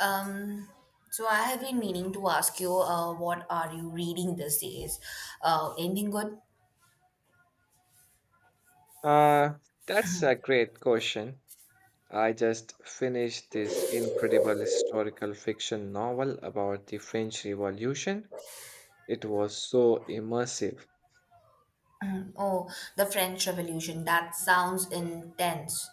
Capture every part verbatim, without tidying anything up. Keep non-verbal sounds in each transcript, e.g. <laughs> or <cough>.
Um, so I have been meaning to ask you, uh, what are you reading these days? Uh, anything good? Uh, that's a great question. I just finished this incredible historical fiction novel about the French Revolution. It was so immersive. Oh, the French Revolution. That sounds intense.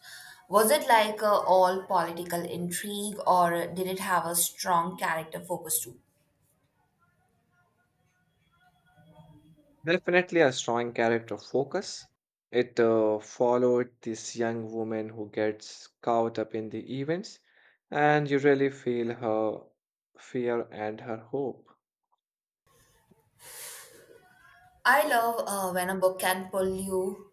Was it like uh, all political intrigue, or did it have a strong character focus too? Definitely a strong character focus. It uh, followed this young woman who gets caught up in the events, and you really feel her fear and her hope. I love uh, when a book can pull you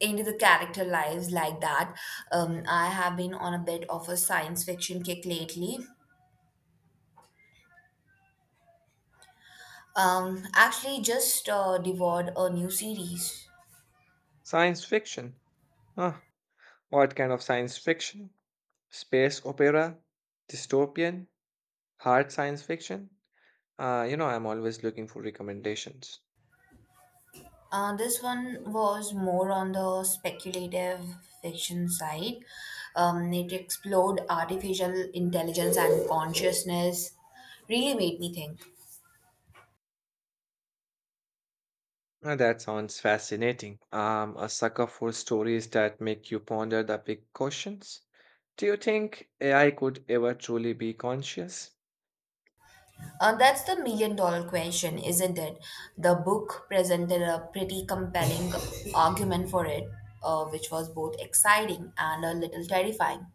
into the character lives like that. Um, I have been on a bit of a science fiction kick lately. Um, actually, just uh, devoured a new series. Science fiction. Huh. What kind of science fiction? Space opera? Dystopian? Hard science fiction? Uh, you know, I'm always looking for recommendations. Uh, this one was more on the speculative fiction side. Um, it explored artificial intelligence and consciousness. Really made me think. Uh, that sounds fascinating. I'm a sucker for stories that make you ponder the big questions. Do you think A I could ever truly be conscious? Uh, that's the million dollar question, isn't it? The book presented a pretty compelling argument for it, uh, which was both exciting and a little terrifying.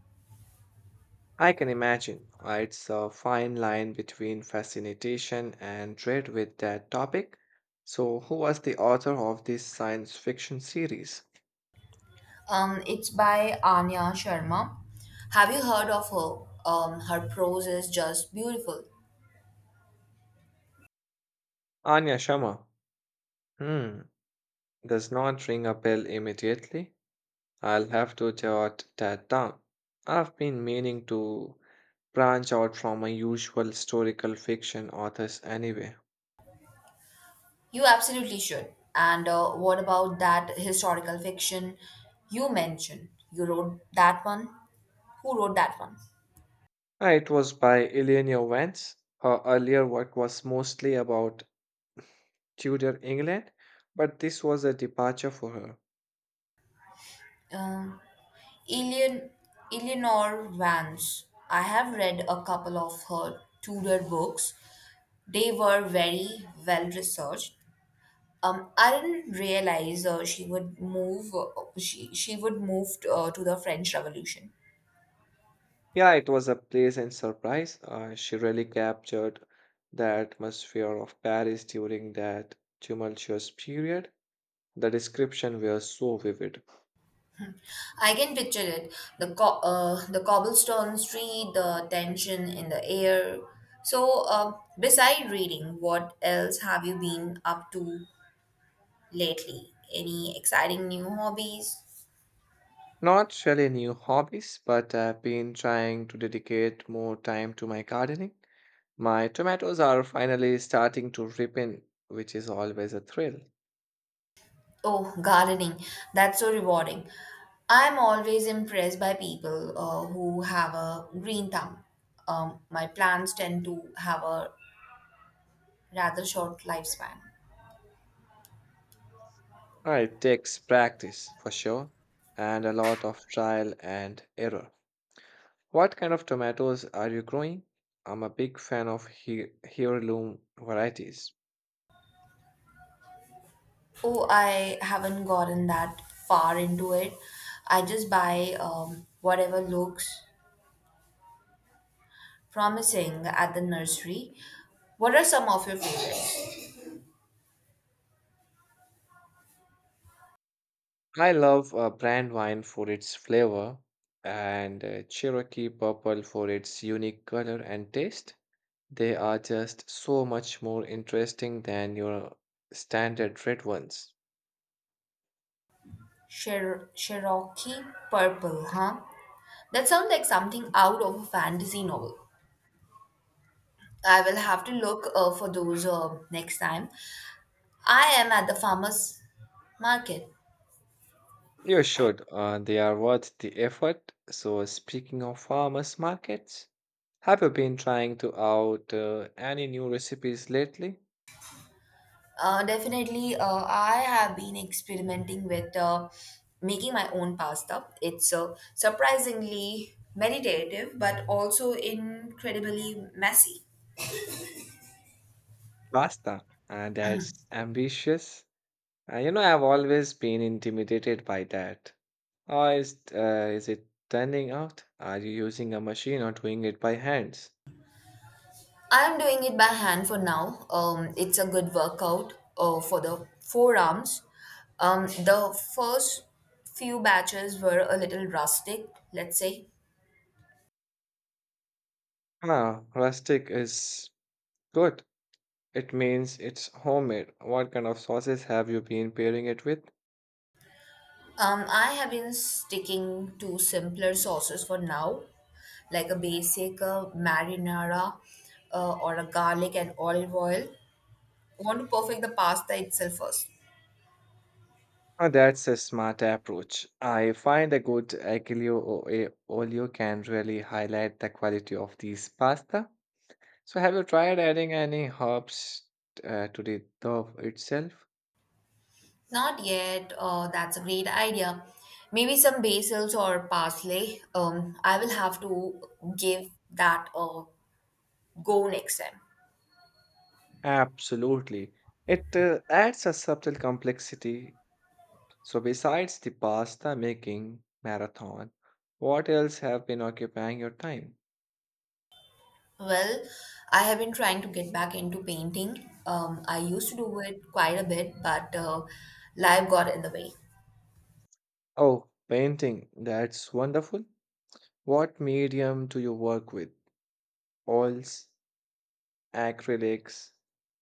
I can imagine. uh, It's a fine line between fascination and dread with that topic. So, who was the author of this science fiction series? Um, it's by Anya Sharma. Have you heard of her? Um, her prose is just beautiful. Anya Sharma. Hmm, does not ring a bell immediately. I'll have to jot that down. I've been meaning to branch out from my usual historical fiction authors anyway. You absolutely should. And uh, what about that historical fiction you mentioned? You wrote that one? Who wrote that one? Uh, It was by Eleanor Vance. Her earlier work was mostly about Tudor England, but this was a departure for her. Um, Elian, Eleanor Vance. I have read a couple of her Tudor books. They were very well researched. Um, I didn't realize uh, she would move. Uh, she she would move t- uh, to the French Revolution. Yeah, it was a pleasant surprise. Uh, she really captured the atmosphere of Paris during that tumultuous period. The description was so vivid. I can picture it. The co- uh, the cobblestone street, the tension in the air. So, uh, beside reading, what else have you been up to lately? Any exciting new hobbies? Not really new hobbies, but I've been trying to dedicate more time to my gardening. My tomatoes are finally starting to ripen, which is always a thrill. Oh, gardening. That's so rewarding. I'm always impressed by people uh, who have a green thumb. Um, my plants tend to have a rather short lifespan. Uh, It takes practice for sure, and a lot of trial and error. What kind of tomatoes are you growing? I'm a big fan of he- heirloom varieties. Oh, I haven't gotten that far into it. I just buy um, whatever looks promising at the nursery. What are some of your favorites? I love uh, brand wine for its flavor and uh, Cherokee purple for its unique color and taste. They are just so much more interesting than your standard red ones. Cher- Cherokee Purple, huh? That sounds like something out of a fantasy novel. I will have to look uh, for those uh, next time. I am at the farmer's market. You should. Uh, they are worth the effort. So, speaking of farmers markets, have you been trying to out uh, any new recipes lately? Uh, definitely, uh, I have been experimenting with uh, making my own pasta. It's uh, surprisingly meditative, but also incredibly messy. Pasta. And that's ambitious. Uh, you know, I've always been intimidated by that. How is uh, is it turning out? Are you using a machine or doing it by hands? I'm doing it by hand for now. Um, it's a good workout uh, for the forearms. Um, the first few batches were a little rustic, let's say. Ah, rustic is good. It means it's homemade. What kind of sauces have you been pairing it with? Um, I have been sticking to simpler sauces for now, like a basic uh, marinara uh, or a garlic and olive oil. I want to perfect the pasta itself first. Ah, that's a smart approach. I find a good aglio o- e olio can really highlight the quality of these pasta. So, have you tried adding any herbs uh, to the dough itself? Not yet. Uh, that's a great idea. Maybe some basils or parsley. Um, I will have to give that a go next time. Absolutely. It uh, adds a subtle complexity. So, besides the pasta making marathon, what else have been occupying your time? Well, I have been trying to get back into painting. Um, I used to do it quite a bit, but uh, life got in the way. Oh, painting. That's wonderful. What medium do you work with? Oils, acrylics,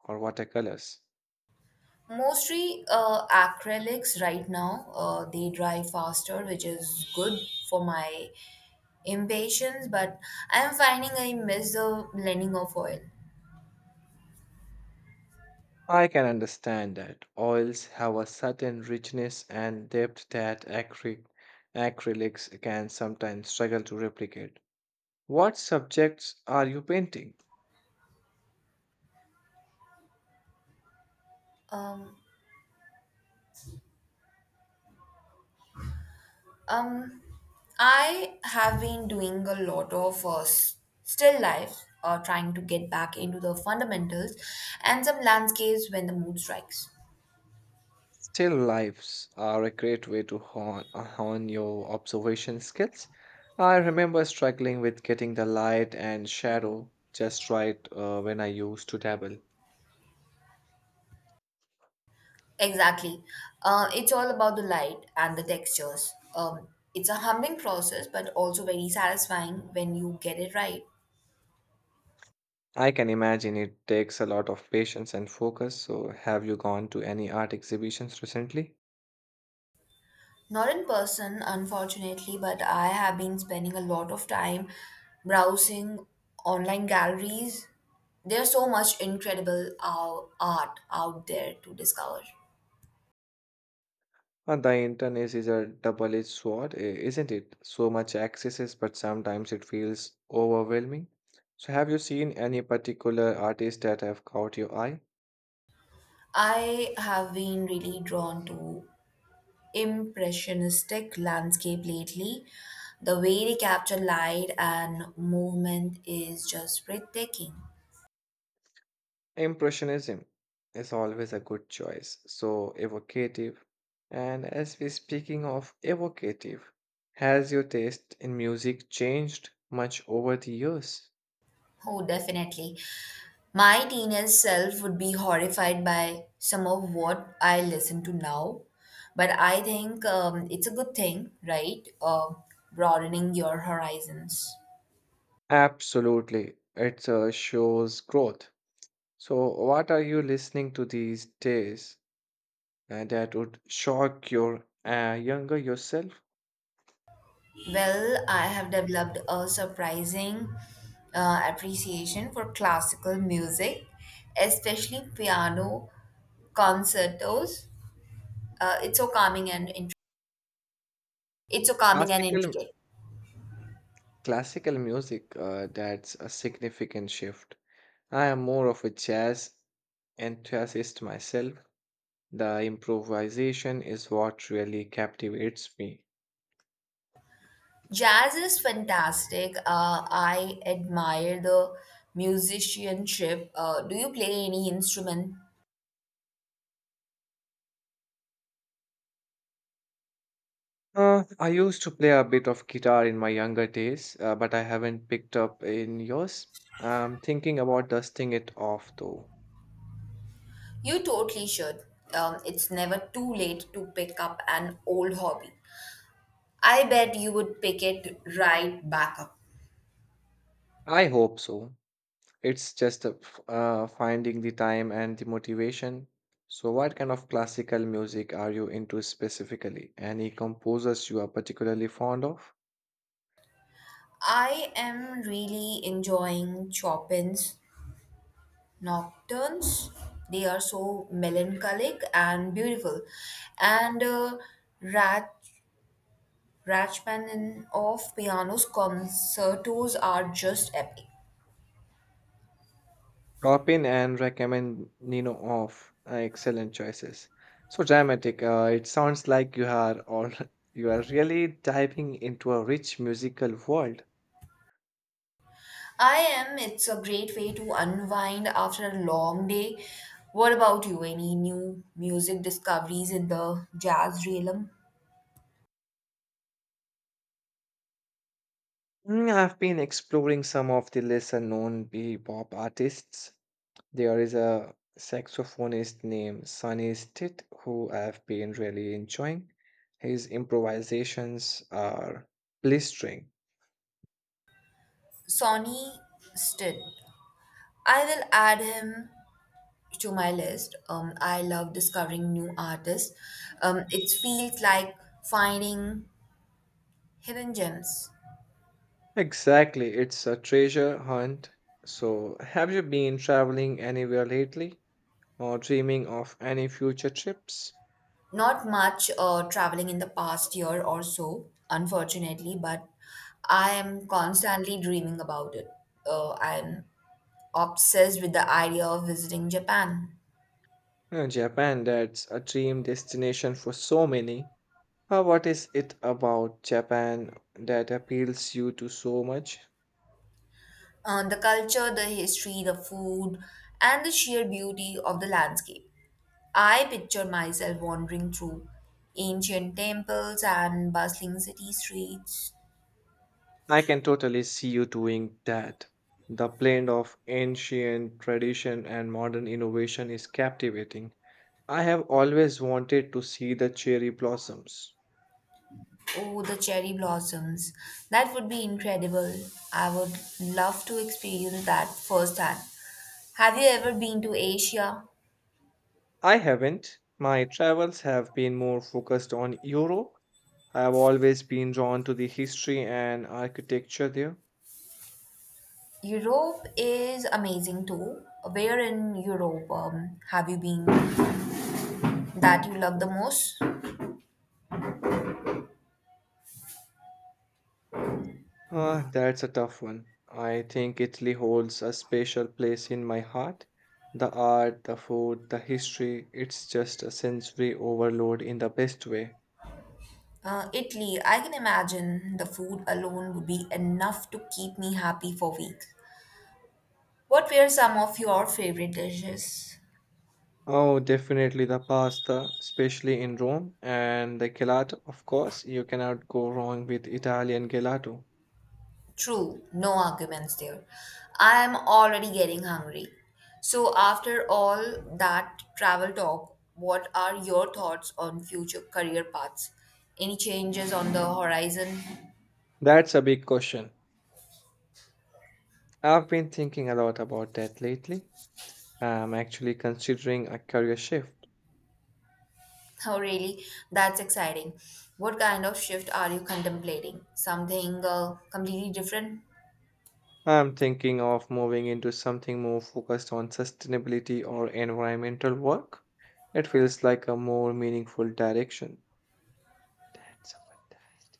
or watercolors? Mostly uh, acrylics right now. Uh, they dry faster, which is good for my impatience, but I'm finding I miss the blending of oil. I can understand that oils have a certain richness and depth that acry- acrylics can sometimes struggle to replicate. What subjects are you painting? Um, um, I have been doing a lot of uh, s- still life, uh, trying to get back into the fundamentals and some landscapes when the mood strikes. Still lifes are a great way to hone, hone your observation skills. I remember struggling with getting the light and shadow just right uh, when I used to dabble. Exactly. Uh, it's all about the light and the textures. Um, it's a humbling process, but also very satisfying when you get it right. I can imagine it takes a lot of patience and focus. So, have you gone to any art exhibitions recently? Not in person, unfortunately, but I have been spending a lot of time browsing online galleries. There's so much incredible uh, art out there to discover. Uh, the internet is a double edged sword, i- isn't it? So much access, but sometimes it feels overwhelming. So, have you seen any particular artists that have caught your eye? I have been really drawn to impressionistic landscape lately. The way they capture light and movement is just breathtaking. Impressionism is always a good choice, so evocative. And as we're speaking of evocative, has your taste in music changed much over the years? Oh, definitely. My teenage self would be horrified by some of what I listen to now, but I think um, it's a good thing, right? Uh, broadening your horizons. Absolutely. It uh, shows growth. So, what are you listening to these days uh, that would shock your uh, younger yourself? Well, I have developed a surprising uh, appreciation for classical music, especially piano concertos. Uh, it's so calming and int- it's so calming and Classical, intricate. Classical music, uh, that's a significant shift. I am more of a jazz enthusiast myself. The improvisation is what really captivates me. Jazz is fantastic. Uh, I admire the musicianship. Uh, do you play any instrument? Uh, I used to play a bit of guitar in my younger days, uh, but I haven't picked up in yours. I'm thinking about dusting it off though. You totally should. Um, it's never too late to pick up an old hobby. I bet you would pick it right back up. I hope so. It's just a f- uh, finding the time and the motivation. So, what kind of classical music are you into specifically? Any composers you are particularly fond of? I am really enjoying Chopin's Nocturnes. They are so melancholic and beautiful. And uh, Rach- Rachmaninoff piano's concertos are just epic. Drop in and recommend Nino off. Uh, excellent choices. So dramatic. Uh, it sounds like you are all <laughs> you are really diving into a rich musical world. I am. It's a great way to unwind after a long day. What about you? Any new music discoveries in the jazz realm? Mm, I've been exploring some of the lesser known bebop artists. There is a saxophonist named Sunny Stitt who I've been really enjoying. His improvisations are blistering. Sonny Stitt. I will add him to my list. Um, I love discovering new artists. Um, it feels like finding hidden gems. Exactly, it's a treasure hunt. So, have you been traveling anywhere lately or dreaming of any future trips? Not much uh, traveling in the past year or so, unfortunately, but I am constantly dreaming about it. Uh, I'm obsessed with the idea of visiting Japan. Uh, Japan, that's a dream destination for so many. Uh, what is it about Japan that appeals you to so much? Uh, the culture, the history, the food, and the sheer beauty of the landscape. I picture myself wandering through ancient temples and bustling city streets. I can totally see you doing that. The blend of ancient tradition and modern innovation is captivating. I have always wanted to see the cherry blossoms. Oh, the cherry blossoms. That would be incredible. I would love to experience that firsthand. Have you ever been to Asia? I haven't. My travels have been more focused on Europe. I have always been drawn to the history and architecture there. Europe is amazing too. Where in Europe um, have you been that you love the most? Ah, that's a tough one. I think Italy holds a special place in my heart. The art, the food, the history, it's just a sensory overload in the best way. Uh, Italy, I can imagine the food alone would be enough to keep me happy for weeks. What were some of your favorite dishes? Oh, definitely the pasta, especially in Rome, and the gelato, of course. You cannot go wrong with Italian gelato. True, no arguments there. I am already getting hungry. So, after all that travel talk, what are your thoughts on future career paths? Any changes on the horizon? <laughs> That's a big question. I've been thinking a lot about that lately. I'm actually considering a career shift. Oh, really? That's exciting. What kind of shift are you contemplating? Something uh, completely different? I'm thinking of moving into something more focused on sustainability or environmental work. It feels like a more meaningful direction. That's a fantastic